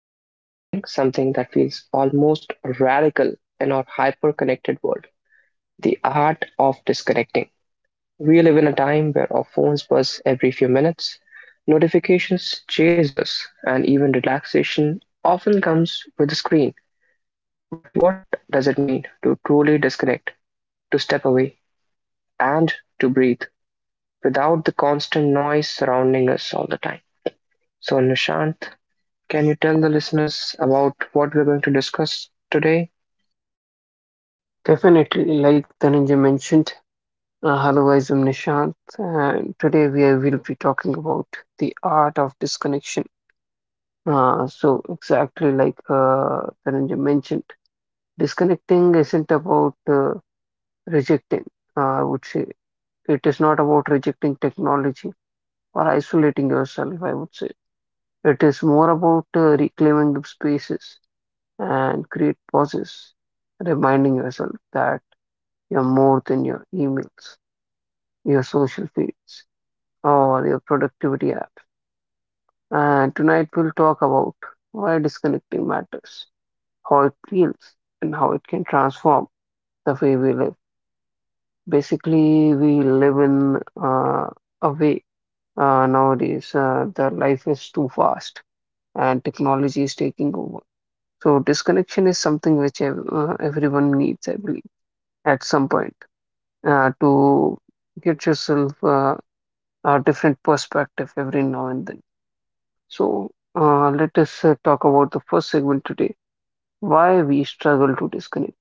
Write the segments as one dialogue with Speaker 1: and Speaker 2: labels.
Speaker 1: we are exploring something that feels almost radical in our hyper connected world, the art of disconnecting. We live in a time where our phones buzz every few minutes, notifications chase us, and even relaxation often comes with a screen. But what does it mean to truly disconnect, to step away, and to breathe, without the constant noise surrounding us all the time? So, Nishant, can you tell the listeners about what we're going to discuss today?
Speaker 2: Definitely, like Dhananjay mentioned, hello, I am Nishant, and today will be talking about the art of disconnection. Exactly like Dhananjay mentioned, disconnecting isn't about rejecting, I would say. It is not about rejecting technology or isolating yourself, I would say. It is more about reclaiming the spaces and create pauses, reminding yourself that you're more than your emails, your social feeds, or your productivity app. And tonight we'll talk about why disconnecting matters, how it feels, and how it can transform the way we live. Basically, we live in a way nowadays that life is too fast and technology is taking over. So disconnection is something which everyone needs, I believe, at some point to get yourself a different perspective every now and then. So, let us talk about the first segment today, why we struggle to disconnect.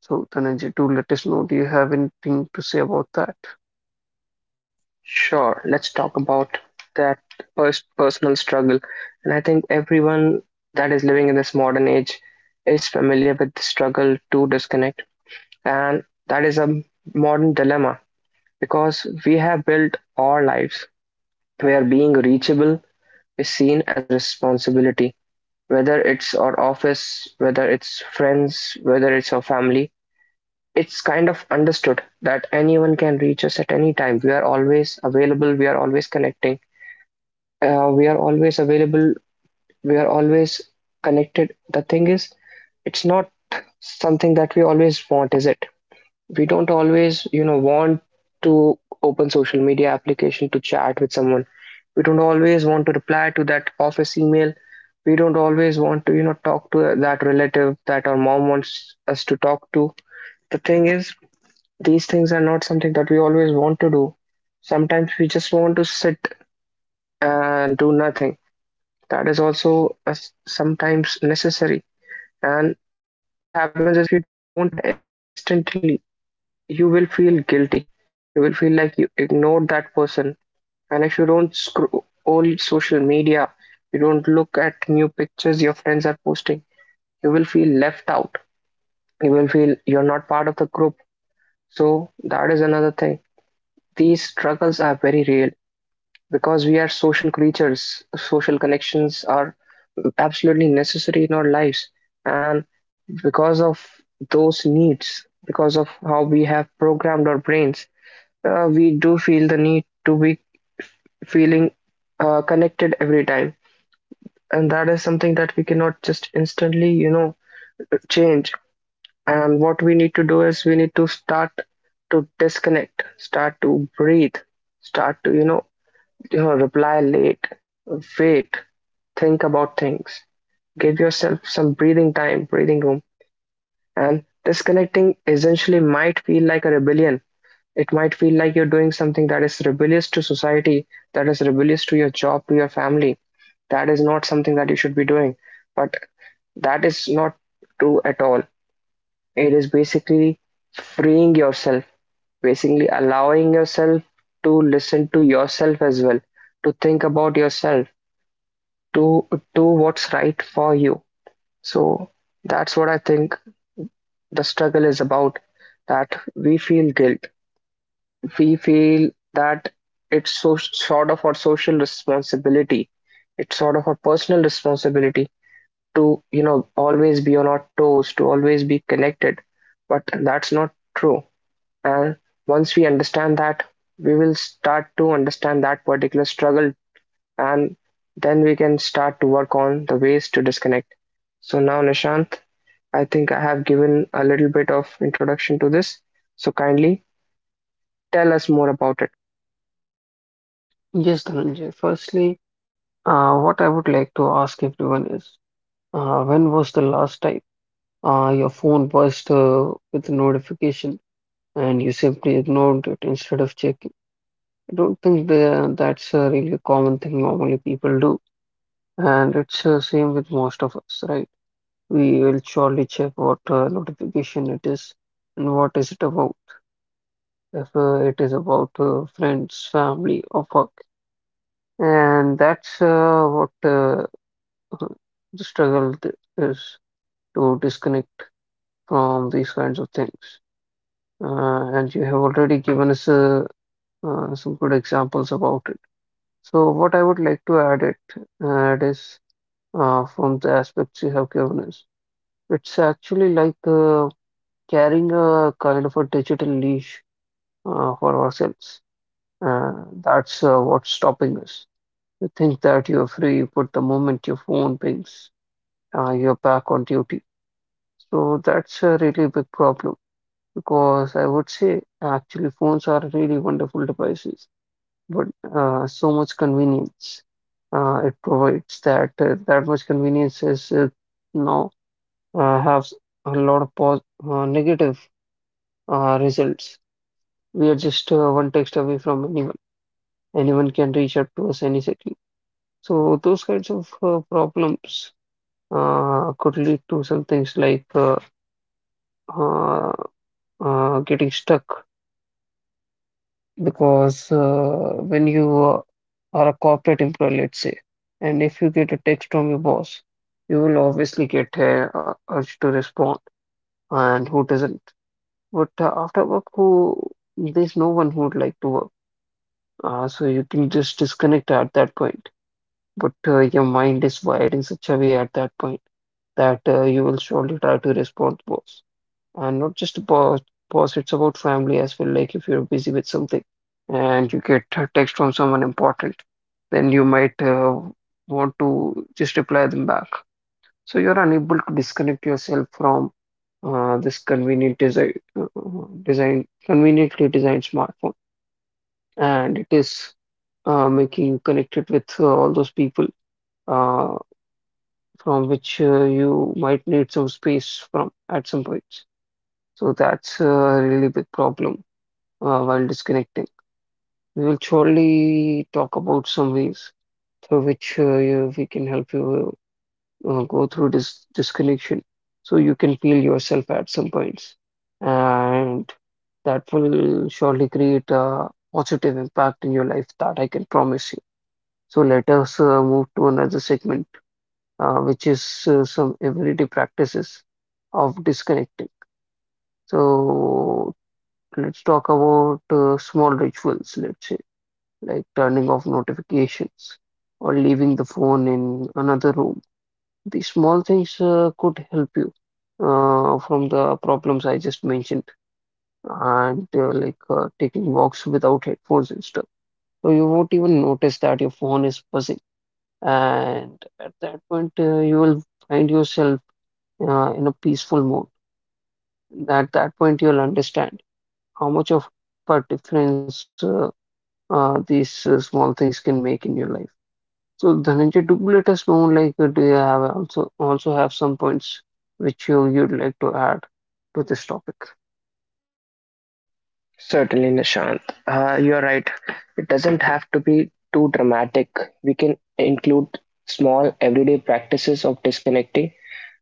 Speaker 2: So, Dhananjay, do let us know, do you have anything to say about that?
Speaker 1: Sure, let's talk about that personal struggle. And I think everyone that is living in this modern age is familiar with the struggle to disconnect. And that is a modern dilemma because we have built our lives where being reachable is seen as a responsibility, whether it's our office, whether it's friends, whether it's our family. It's kind of understood that anyone can reach us at any time. We are always available, we are always connecting, we are always available, we are always connected. The thing is, it's not something that we always want, is it? We don't always want to open social media application to chat with someone. We don't always want to reply to that office email. We don't always want to talk to that relative that our mom wants us to talk to. The thing is, these things are not something that we always want to do. Sometimes we just want to sit and do nothing. That is also sometimes necessary. And what happens is, if you don't reply instantly, you will feel guilty. You will feel like you ignored that person. And if you don't scroll social media, you don't look at new pictures your friends are posting, you will feel left out. You will feel you're not part of the group. So that is another thing. These struggles are very real because we are social creatures. Social connections are absolutely necessary in our lives. And because of those needs, because of how we have programmed our brains, we do feel the need to be feeling connected every time, and that is something that we cannot just instantly change. And what we need to do is, we need to start to disconnect, start to breathe, start to reply late, wait, think about things, give yourself some breathing time, breathing room. And disconnecting essentially might feel like a rebellion. It might feel like you're doing something that is rebellious to society, that is rebellious to your job, to your family. That is not something that you should be doing. But that is not true at all. It is basically freeing yourself, basically allowing yourself to listen to yourself as well, to think about yourself, to do what's right for you. So that's what I think the struggle is about, that we feel guilt, we feel that it's so sort of our social responsibility, it's sort of our personal responsibility to always be on our toes, to always be connected. But that's not true. And once we understand that, we will start to understand that particular struggle, and then we can start to work on the ways to disconnect. So now, Nishant, I think I have given a little bit of introduction to this, so kindly tell us more about it.
Speaker 2: Yes, Dhananjay. Firstly, what I would like to ask everyone is, when was the last time your phone buzzed with a notification and you simply ignored it instead of checking? I don't think that's a really common thing normally people do, and it's the same with most of us, right? We will surely check what notification it is and what is it about. If it is about friends, family, or work, and that's what the struggle is to disconnect from these kinds of things. And you have already given us some good examples about it. So what I would like to add is from the aspects you have given us. It's actually like carrying a kind of a digital leash for ourselves. That's What's stopping us? You think that you're free, but the moment your phone pings, you're back on duty. So that's a really big problem because I would say actually phones are really wonderful devices, but so much convenience it provides, that much convenience is now has a lot of pos negative results. We are just one text away from anyone. Anyone can reach out to us any second. So those kinds of problems could lead to some things like uh, getting stuck because when you are a corporate employee, let's say, and if you get a text from your boss, you will obviously get a urge to respond, and who doesn't? But after work, who there's no one who would like to work. So you can just disconnect at that point, but your mind is wired in such a way at that point that you will surely try to respond to boss. And not just boss, it's about family as well. Like if you're busy with something and you get a text from someone important, then you might want to just reply them back. So you're unable to disconnect yourself from this conveniently designed smartphone, and it is making you connected with all those people, Uh, from which you might need some space from at some points. So that's a really big problem while disconnecting. We will surely talk about some ways through which we can help you go through this disconnection so you can feel yourself at some points. And that will surely create a positive impact in your life that I can promise you. So let us move to another segment, which is some everyday practices of disconnecting. So let's talk about small rituals, let's say, like turning off notifications or leaving the phone in another room. These small things could help you from the problems I just mentioned, and like taking walks without headphones and stuff. So you won't even notice that your phone is buzzing, and at that point, you will find yourself in a peaceful mood. At that point, you'll understand how much of a difference these small things can make in your life. So, Dhananjay, do you let us know, like, do you have also also have some points which you'd like to add to this topic?
Speaker 1: Certainly, Nishant. You're right. It doesn't have to be too dramatic. We can include small everyday practices of disconnecting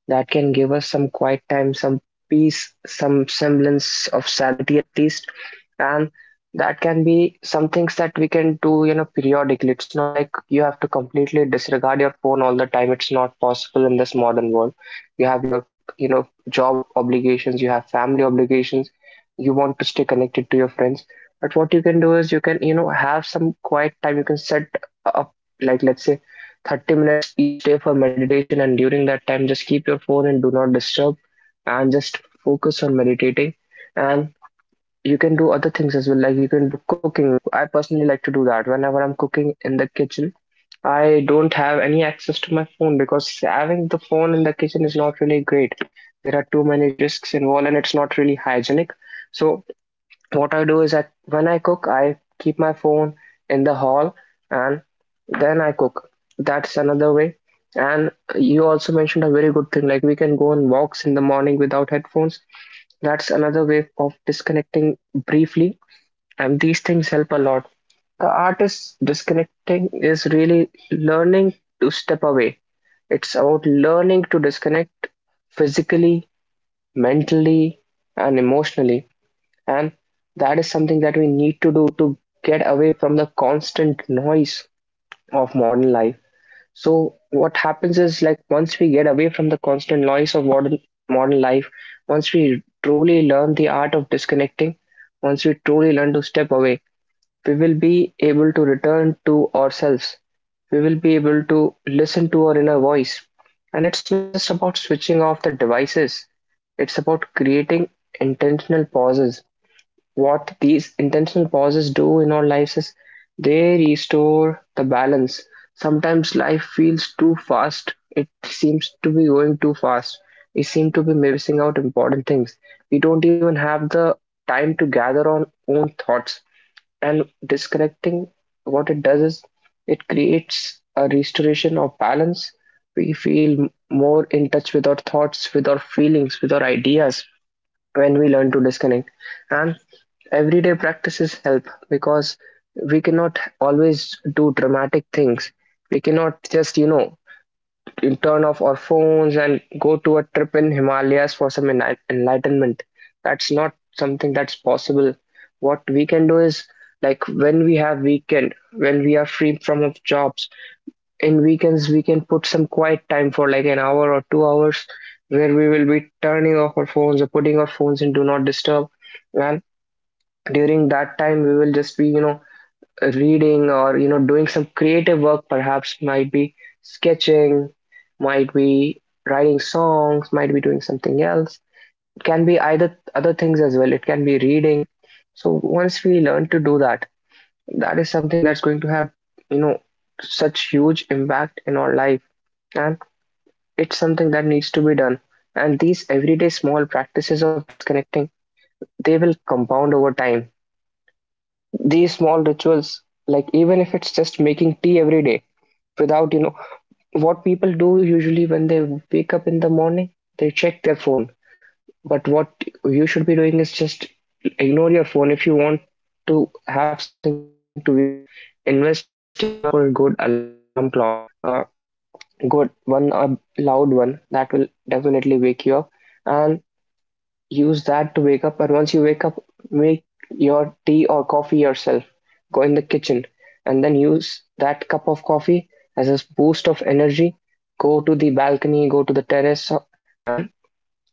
Speaker 1: that can give us some quiet time, some peace, some semblance of sanity at least. And that can be some things that we can do, you know, periodically. It's not like you have to completely disregard your phone all the time. It's not possible in this modern world. You have your, you know, job obligations, you have family obligations, you want to stay connected to your friends. But what you can do is, you can, you know, have some quiet time. You can set up, like, let's say, 30 minutes each day for meditation, and during that time just keep your phone and do not disturb, and just focus on meditating. And you can do other things as well, like you can do cooking. Like, I personally like to do that. Whenever I'm cooking in the kitchen, I don't have any access to my phone, because having the phone in the kitchen is not really great. There are too many risks involved and it's not really hygienic. So what I do is, I when I cook, I keep my phone in the hall, and then I cook. That's another way. And you also mentioned a very good thing, like we can go on walks in the morning without headphones. That's another way of disconnecting briefly, and these things help a lot. The art is disconnecting is really learning to step away. It's about learning to disconnect physically, mentally, and emotionally, and that is something that we need to do to get away from the constant noise of modern life. So what happens is, like, once we get away from the constant noise of modern life, once we truly learn the art of disconnecting, once we truly learn to step away, we will be able to return to ourselves. We will be able to listen to our inner voice. And it's not just about switching off the devices, it's about creating intentional pauses. What these intentional pauses do in our lives is, they restore the balance. Sometimes life feels too fast. It seems to be going too fast. We seem to be missing out important things. We don't even have the time to gather our own thoughts. And disconnecting, what it does is, it creates a restoration of balance. We feel more in touch with our thoughts, with our feelings, with our ideas when we learn to disconnect. And everyday practices help, because we cannot always do dramatic things. We cannot just, you know, turn off our phones and go to a trip in Himalayas for some enlightenment. That's not something that's possible. What we can do is, like, when we have weekend, when we are free from our jobs, in weekends we can put some quiet time for like an hour or 2 hours, where we will be turning off our phones or putting our phones in do not disturb. And during that time we will just be, you know, reading, or, you know, doing some creative work. Perhaps might be sketching, might be writing songs, might be doing something else. It can be either other things as well, it can be reading. So once we learn to do that, that is something that's going to have, you know, such huge impact in our life. And it's something that needs to be done. And these everyday small practices of disconnecting, they will compound over time. These small rituals, like even if it's just making tea every day, without, you know, what people do usually when they wake up in the morning, they check their phone. But what you should be doing is just ignore your phone. If you want to have something to wake you up, invest in a proper good alarm clock. Uh, Good one, a loud one that will definitely wake you up, and use that to wake up. And once you wake up, make your tea or coffee yourself. Go in the kitchen and then use that cup of coffee as a boost of energy. Go to the balcony, go to the terrace, and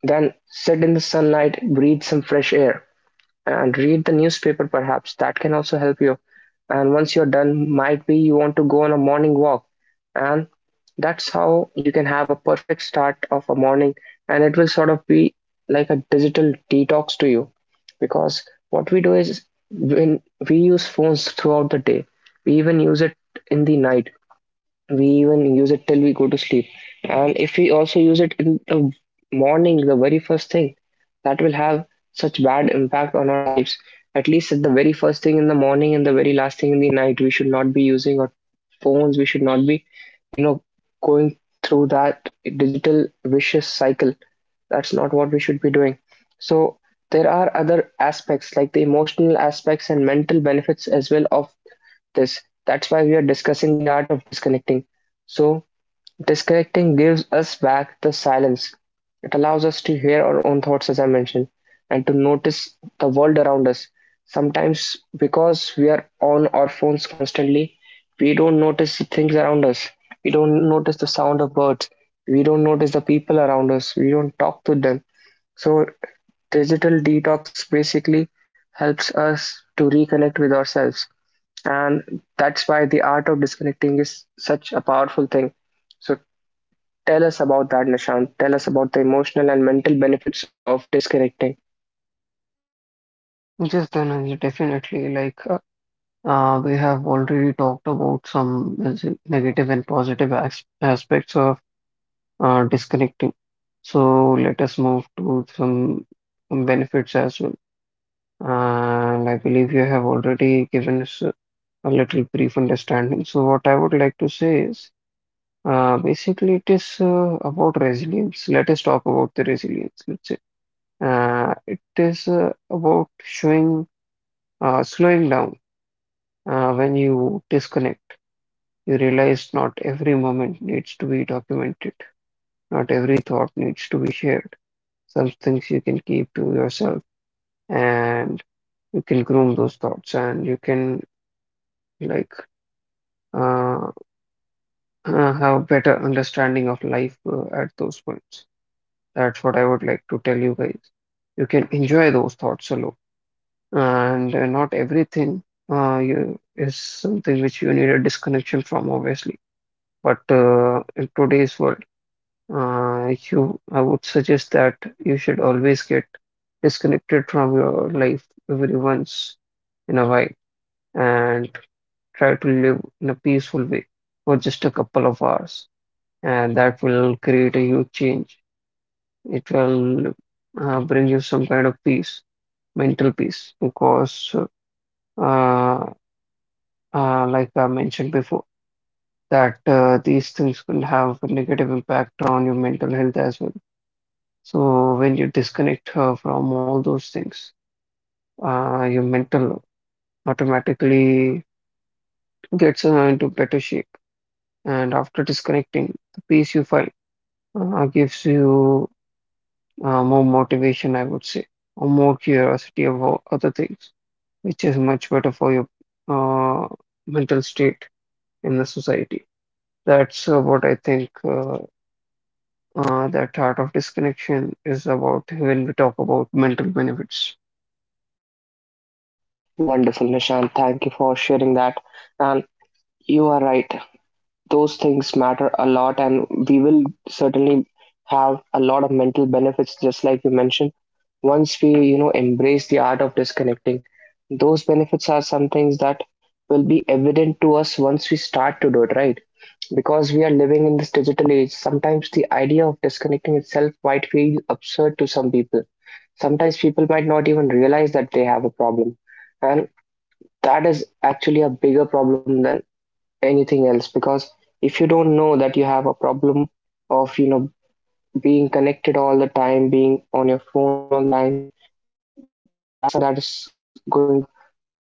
Speaker 1: then sit in the sunlight, breathe some fresh air, and read the newspaper perhaps. That can also help you. And once you're done, might be you want to go on a morning walk. And that's how you can have a perfect start of a morning. And it will sort of be like a digital detox to you. Because what we do is, when we use phones throughout the day, we even use it in the night, we even use it till we go to sleep. And if we also use it in the morning, the very first thing, that will have such bad impact on our lives. At least at the very first thing in the morning and the very last thing in the night, we should not be using our phones. We should not be, you know, going through that digital vicious cycle. That's not what we should be doing. So there are other aspects, like the emotional aspects and mental benefits as well of this. That's why we are discussing the art of disconnecting. So, disconnecting gives us back the silence. It allows us to hear our own thoughts, as I mentioned, and to notice the world around us. Sometimes, because we are on our phones constantly, we don't notice the things around us. We don't notice the sound of birds. We don't notice the people around us. We don't talk to them. So, digital detox basically helps us to reconnect with ourselves, and that's why the art of disconnecting is such a powerful thing. So tell us about that, Nishant. Tell us about the emotional and mental benefits of disconnecting.
Speaker 2: Yes, Dhananjay, definitely. We have already talked about some negative and positive as aspects of disconnecting. So let us move to some benefits as well. And I believe you have already given us a little brief understanding. So, what I would like to say is, basically it is about resilience. Let us talk about the resilience, let's say. It is about showing, slowing down. When you disconnect, you realize not every moment needs to be documented, not every thought needs to be shared. Some things you can keep to yourself, and you can groom those thoughts and you can like uh, have better understanding of life at those points. That's what I would like to tell you guys. You can enjoy those thoughts alone, and not everything is something which you need a disconnection from, obviously. But in today's world, you I would suggest that you should always get disconnected from your life every once in a while and try to live in a peaceful way for just a couple of hours, and that will create a huge change. It will bring you some kind of peace, mental peace, because uh, like I mentioned before, that these things will have a negative impact on your mental health as well. So when you disconnect from all those things, your mental automatically gets into better shape. And after disconnecting, the peace you find gives you more motivation, I would say, or more curiosity about other things, which is much better for your uh, mental state in the society. That's what I think that art of disconnection is about when we talk about mental benefits.
Speaker 1: Wonderful, Nishant. Thank you for sharing that. And you are right. Those things matter a lot, and we will certainly have a lot of mental benefits, just like you mentioned. Once we, you know, embrace the art of disconnecting, those benefits are some things that will be evident to us once we start to do it, right? Because we are living in this digital age, sometimes the idea of disconnecting itself might feel absurd to some people. Sometimes people might not even realize that they have a problem, and that is actually a bigger problem than anything else. Because if you don't know that you have a problem of, you know, being connected all the time, being on your phone all the time, that is something that is going to have such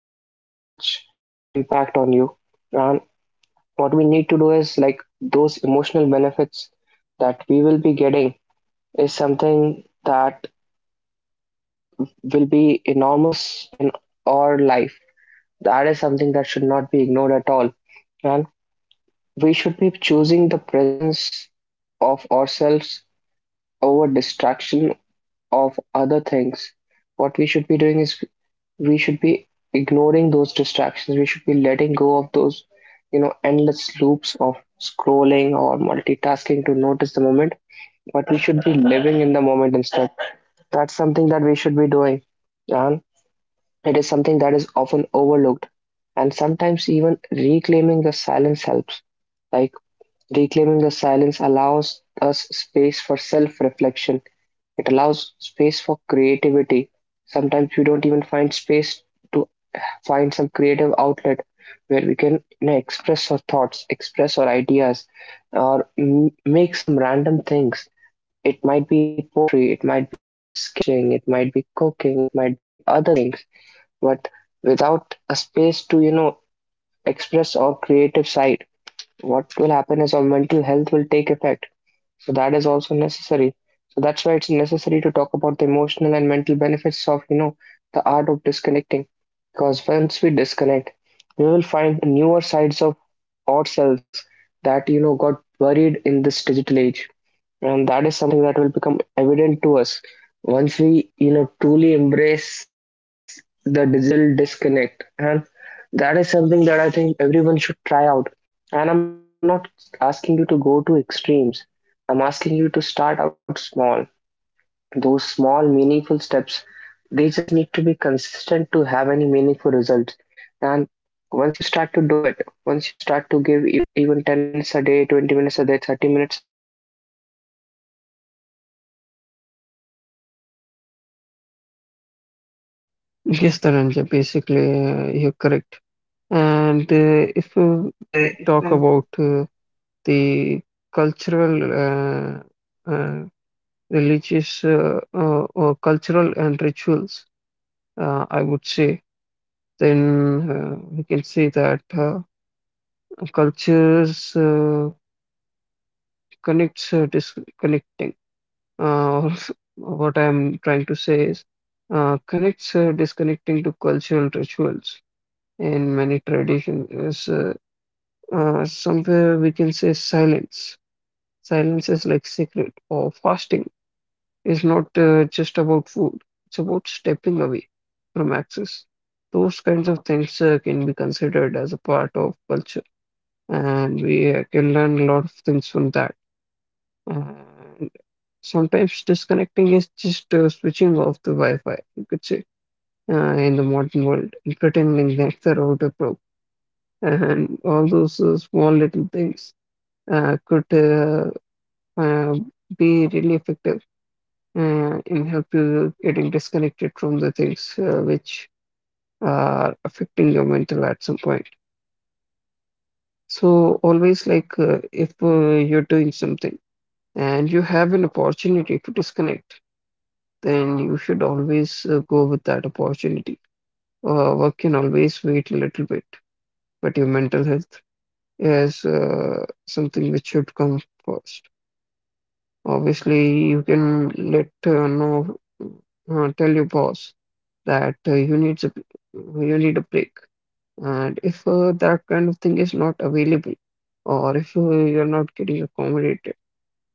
Speaker 1: impact on you. And what we need to do is, like, those emotional benefits that we will be getting is something that will be enormous in our life. That is something that should not be ignored at all. And we should be choosing the presence of ourselves over distraction of other things. What we should be doing is we should be ignoring those distractions. We should be letting go of those, you know, endless loops of scrolling or multitasking to notice the moment. But we should be living in the moment instead. That's something that we should be doing. And it is something that is often overlooked. And sometimes even reclaiming the silence helps. Like, reclaiming the silence allows us space for self reflection. It allows space for creativity. Sometimes we don't even find space to find some creative outlet where we can, you know, express our thoughts, express our ideas, or make some random things. It might be poetry, it might be sketching, it might be cooking, it might be other things. But without a space to, you know, express our creative side, what will happen is our mental health will take effect. So that is also necessary. So that's why it's necessary to talk about the emotional and mental benefits of, you know, the art of disconnecting. Because once we disconnect, we will find newer sides of ourselves that, you know, got buried in this digital age. And that is something that will become evident to us once we, you know, truly embrace the digital disconnect. And that is something that I think everyone should try out. And I'm not asking you to go to extremes. I'm asking you to start out small. Those small meaningful steps, they just need to be consistent to have any meaningful results. And once you start to do it, once you start to give even 10 minutes a day, 20 minutes a day, 30 minutes a day to, you know, disconnect, that is something that's going to have tremendous impact.
Speaker 2: Yes, Taranja, basically,
Speaker 1: Yes, Tarang, you're
Speaker 2: you're correct.
Speaker 1: basically
Speaker 2: And
Speaker 1: correct.
Speaker 2: if we
Speaker 1: And
Speaker 2: talk about the cultural, uh, religious, or cultural and rituals, I would say, then we can say that cultures connects disconnecting. Uh, what I'm trying to say is connects disconnecting to cultural rituals in many traditions is somewhere we can say silence. Silence is like secret, or fasting is not just about food, it's about stepping away from access. Those kinds of things can be considered as a part of culture, and we can learn a lot of things from that. And sometimes disconnecting is just switching off the Wi Fi, you could say, in the modern world, and pretending that the router broke. And all those small little things could uh, be really effective in help you getting disconnected from the things which are affecting your mental at some point. So always, like if you're doing something and you have an opportunity to disconnect, then you should always go with that opportunity. Work can always wait a little bit, but your mental health is something which should come first. Obviously, you can tell your boss that you you need a break. And if that kind of thing is not available, or if you're not getting accommodated,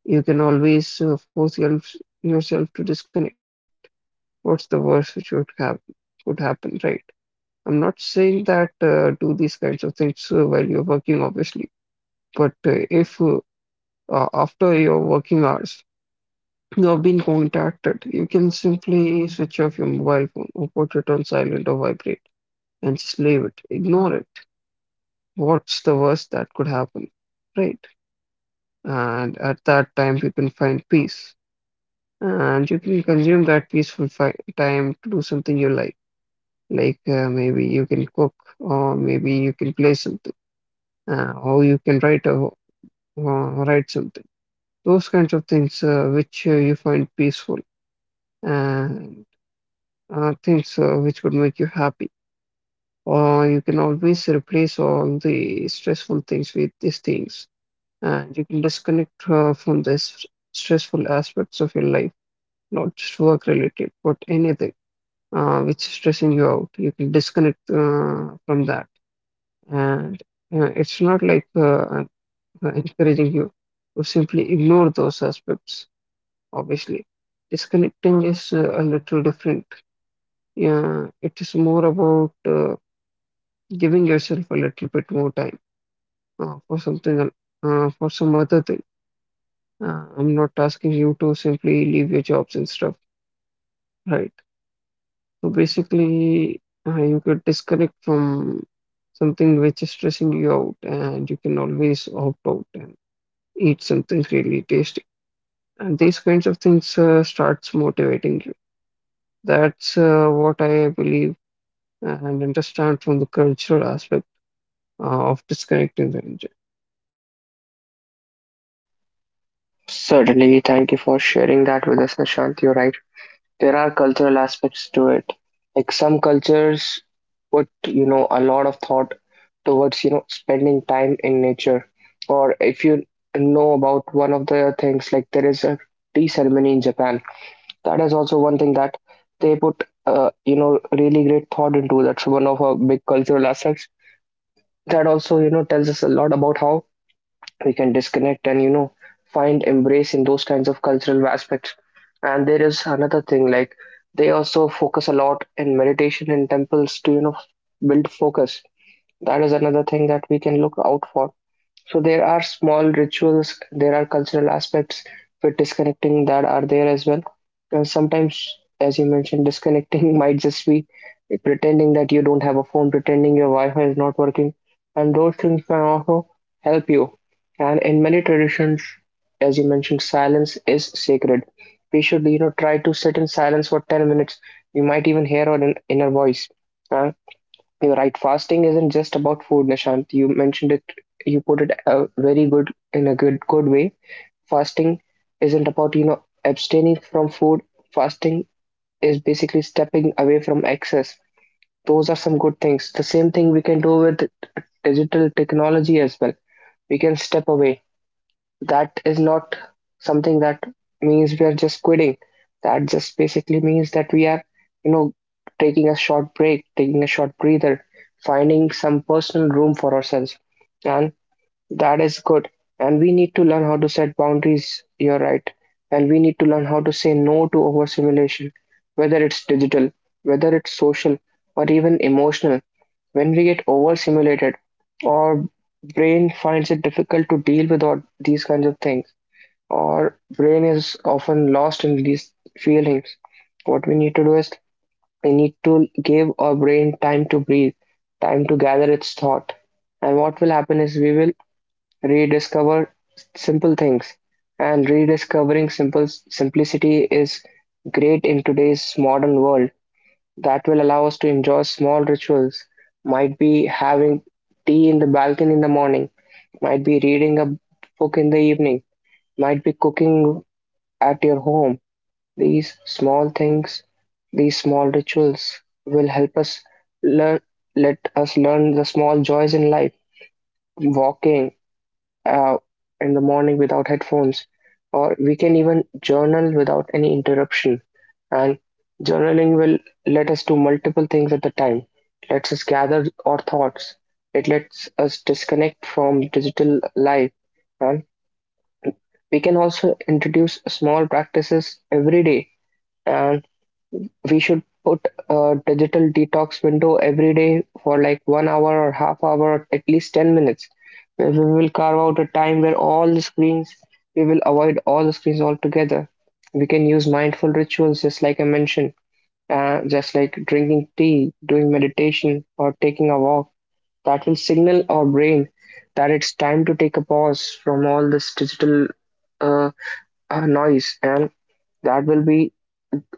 Speaker 2: you can always force yourself to disconnect. What's the worst which would have would happen, right? I'm not saying that do these kinds of things while you're working, obviously, but if after your working hours you have been contacted, you can simply switch off your mobile phone or put it on silent or vibrate and slave it, ignore it. What's the worst that could happen, right? And at that time, you can find peace, and you can consume that peaceful fi time to do something you like maybe you can cook, or maybe you can play something, or you can uh, write something. Those kinds of things which you find peaceful and things which would make you happy. Or you can always replace all the stressful things with these things, and you can disconnect from the stressful aspects of your life, not just work related, but anything which is stressing you out. You can disconnect from that, and it's not like I'm encouraging you to simply ignore those aspects. Obviously, disconnecting is a little different. Yeah, it is more about giving yourself a little bit more time for for some other thing. I'm not asking you to simply leave your jobs and stuff, right? So basically, you could disconnect from something which is stressing you out, and you can always opt out and eat something really tasty. And these kinds of things starts motivating you. That's what I believe and understand from the cultural aspect uh, of disconnecting the enjoy.
Speaker 1: certainly, thank you for sharing that with us, Nishant. You're right. There are cultural aspects to it. Like some cultures put, you know, a lot of thought towards, you know, spending time in nature. Or if you know about one of the things, like there is a tea ceremony in Japan, that is also one thing that they put, you know, really great thought into. That's one of our big cultural assets that also, you know, tells us a lot about how we can disconnect and, you know, find embrace in those kinds of cultural aspects. And there is another thing, like they also focus a lot in meditation in temples to, you know, build focus. That is another thing that we can look out for. So there are small rituals, there are cultural aspects with disconnecting that are there as well. And sometimes, as you mentioned, disconnecting might just be pretending that you don't have a phone, pretending your Wi-Fi is not working, and those things can also help you. And in many traditions, as you mentioned, silence is sacred. We should, you know, try to sit in silence for 10 minutes. You might even hear our inner voice. Uh, you're right. Fasting isn't just about food, Nishant. You mentioned it. You put it very good in a good way. Fasting isn't about, you know, abstaining from food. Fasting is basically stepping away from excess. Those are some good things. The same thing we can do with digital technology as well. We can step away. That is not something that means we are just quitting. That just basically means that we are, you know, taking a short break, taking a short breather, finding some personal room for ourselves. And that is good. And we need to learn how to set boundaries. You're right. And we need to learn how to say no to overstimulation, whether it's digital, whether it's social, or even emotional. When we get overstimulated, our brain finds it difficult to deal with all these kinds of things. Our brain is often lost in these feelings. What we need to do is we need to give our brain time to breathe, time to gather its thought. And what will happen is we will rediscover simple things. And rediscovering simple simplicity is great in today's modern world. That will allow us to enjoy small rituals. Might be having tea in the balcony in the morning, might be reading a book in the evening, might be cooking at your home. These small things, these small rituals will help us learn, let us learn the small joys in life. Walking, uh, in the morning without headphones, or we can even journal without any interruption. And journaling will let us do multiple things at the time. It lets us gather our thoughts. It lets us disconnect from digital life. And we can also introduce small practices every day. And we should put a digital detox window every day for like 1 hour or half hour or at least 10 minutes. We will carve out a time where all the screens, we will avoid all the screens altogether. We can use mindful rituals, just like I mentioned, just like drinking tea, doing meditation, or taking a walk. That will signal our brain that it's time to take a pause from all this digital uh, noise. And that will be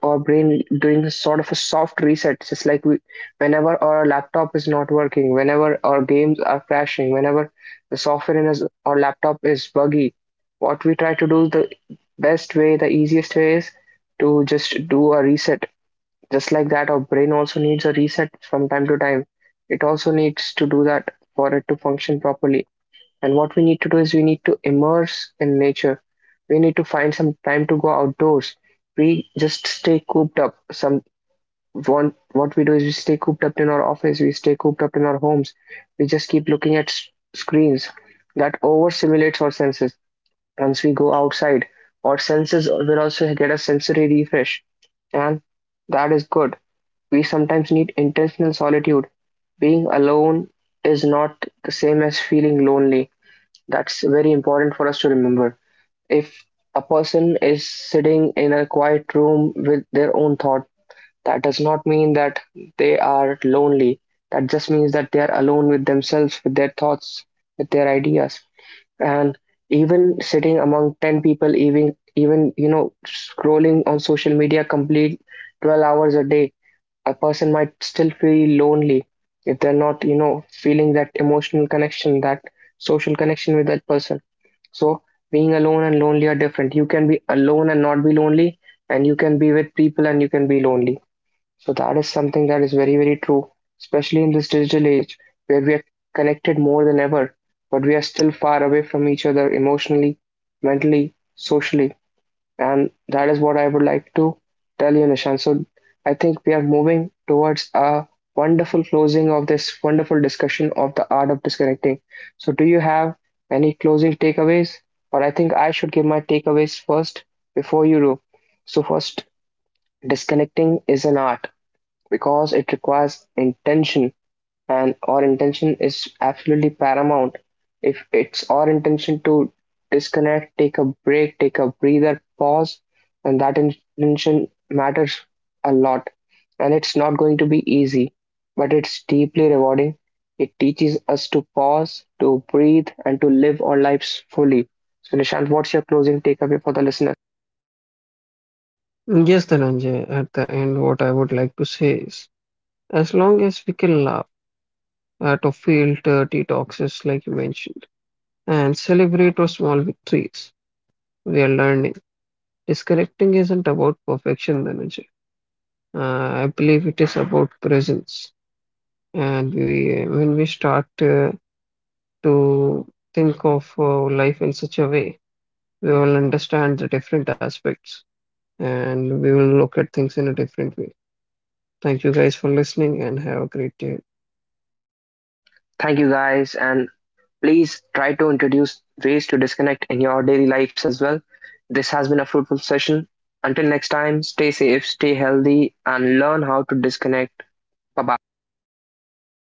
Speaker 1: our brain doing sort of a soft reset. It's just like we, whenever our laptop is not working, whenever our games are crashing, whenever the software in us, our laptop is buggy, what we try to do the best way, the easiest way is to just do a reset. Just like that, our brain also needs a reset from time to time. It also needs to do that for it to function properly. And what we need to do is we need to immerse in nature. We need to find some time to go outdoors. We just stay cooped up. Some one what we do is we stay cooped up in our office, we stay cooped up in our homes. We just keep looking at screens. That overstimulates our senses. Once we go outside, our senses will also get a sensory refresh, and that is good. We sometimes need intentional solitude. Being alone is not the same as feeling lonely. That's very important for us to remember. If a person is sitting in a quiet room with their own thought, that does not mean that they are lonely. That just means that they are alone with themselves, with their thoughts, with their ideas. And even sitting among 10 people, you know, scrolling on social media complete 12 hours a day, a person might still feel lonely if they're not, you know, feeling that emotional connection, that social connection with that person. So being alone and lonely are different. You can be alone and not be lonely, and you can be with people and you can be lonely. So that is something that is very, very true, especially in this digital age where we are connected more than ever, but we are still far away from each other emotionally, mentally, socially. And that is what I would like to tell you, Nishan. So I think we are moving towards a wonderful closing of this wonderful discussion of the art of disconnecting. So do you have any closing takeaways? Or I think I should give my takeaways first before you do. So first, disconnecting is an art because it requires intention, and our intention is absolutely paramount. If it's our intention to disconnect, take a break, take a breather, pause, and that intention matters a lot. And it's not going to be easy, but it's deeply rewarding. It teaches us to pause, to breathe, and to live our lives fully. So, Nishant, what's your closing takeaway for the listener?
Speaker 2: Yes, Dhananjay, at the end, what I would like to say is, as long as we can laugh out to field detoxes, like you mentioned, and celebrate your small victories. We are learning. Disconnecting isn't about perfection, Dhananjay. I believe it is about presence. And when we start to think of life in such a way, we will understand the different aspects and we will look at things in a different way. Thank you guys for listening and have a great day.
Speaker 1: Thank you, guys, and please try to introduce ways to disconnect in your daily lives as well. This has been a fruitful session. Until next time, stay safe, stay healthy, and learn how to disconnect. Bye bye.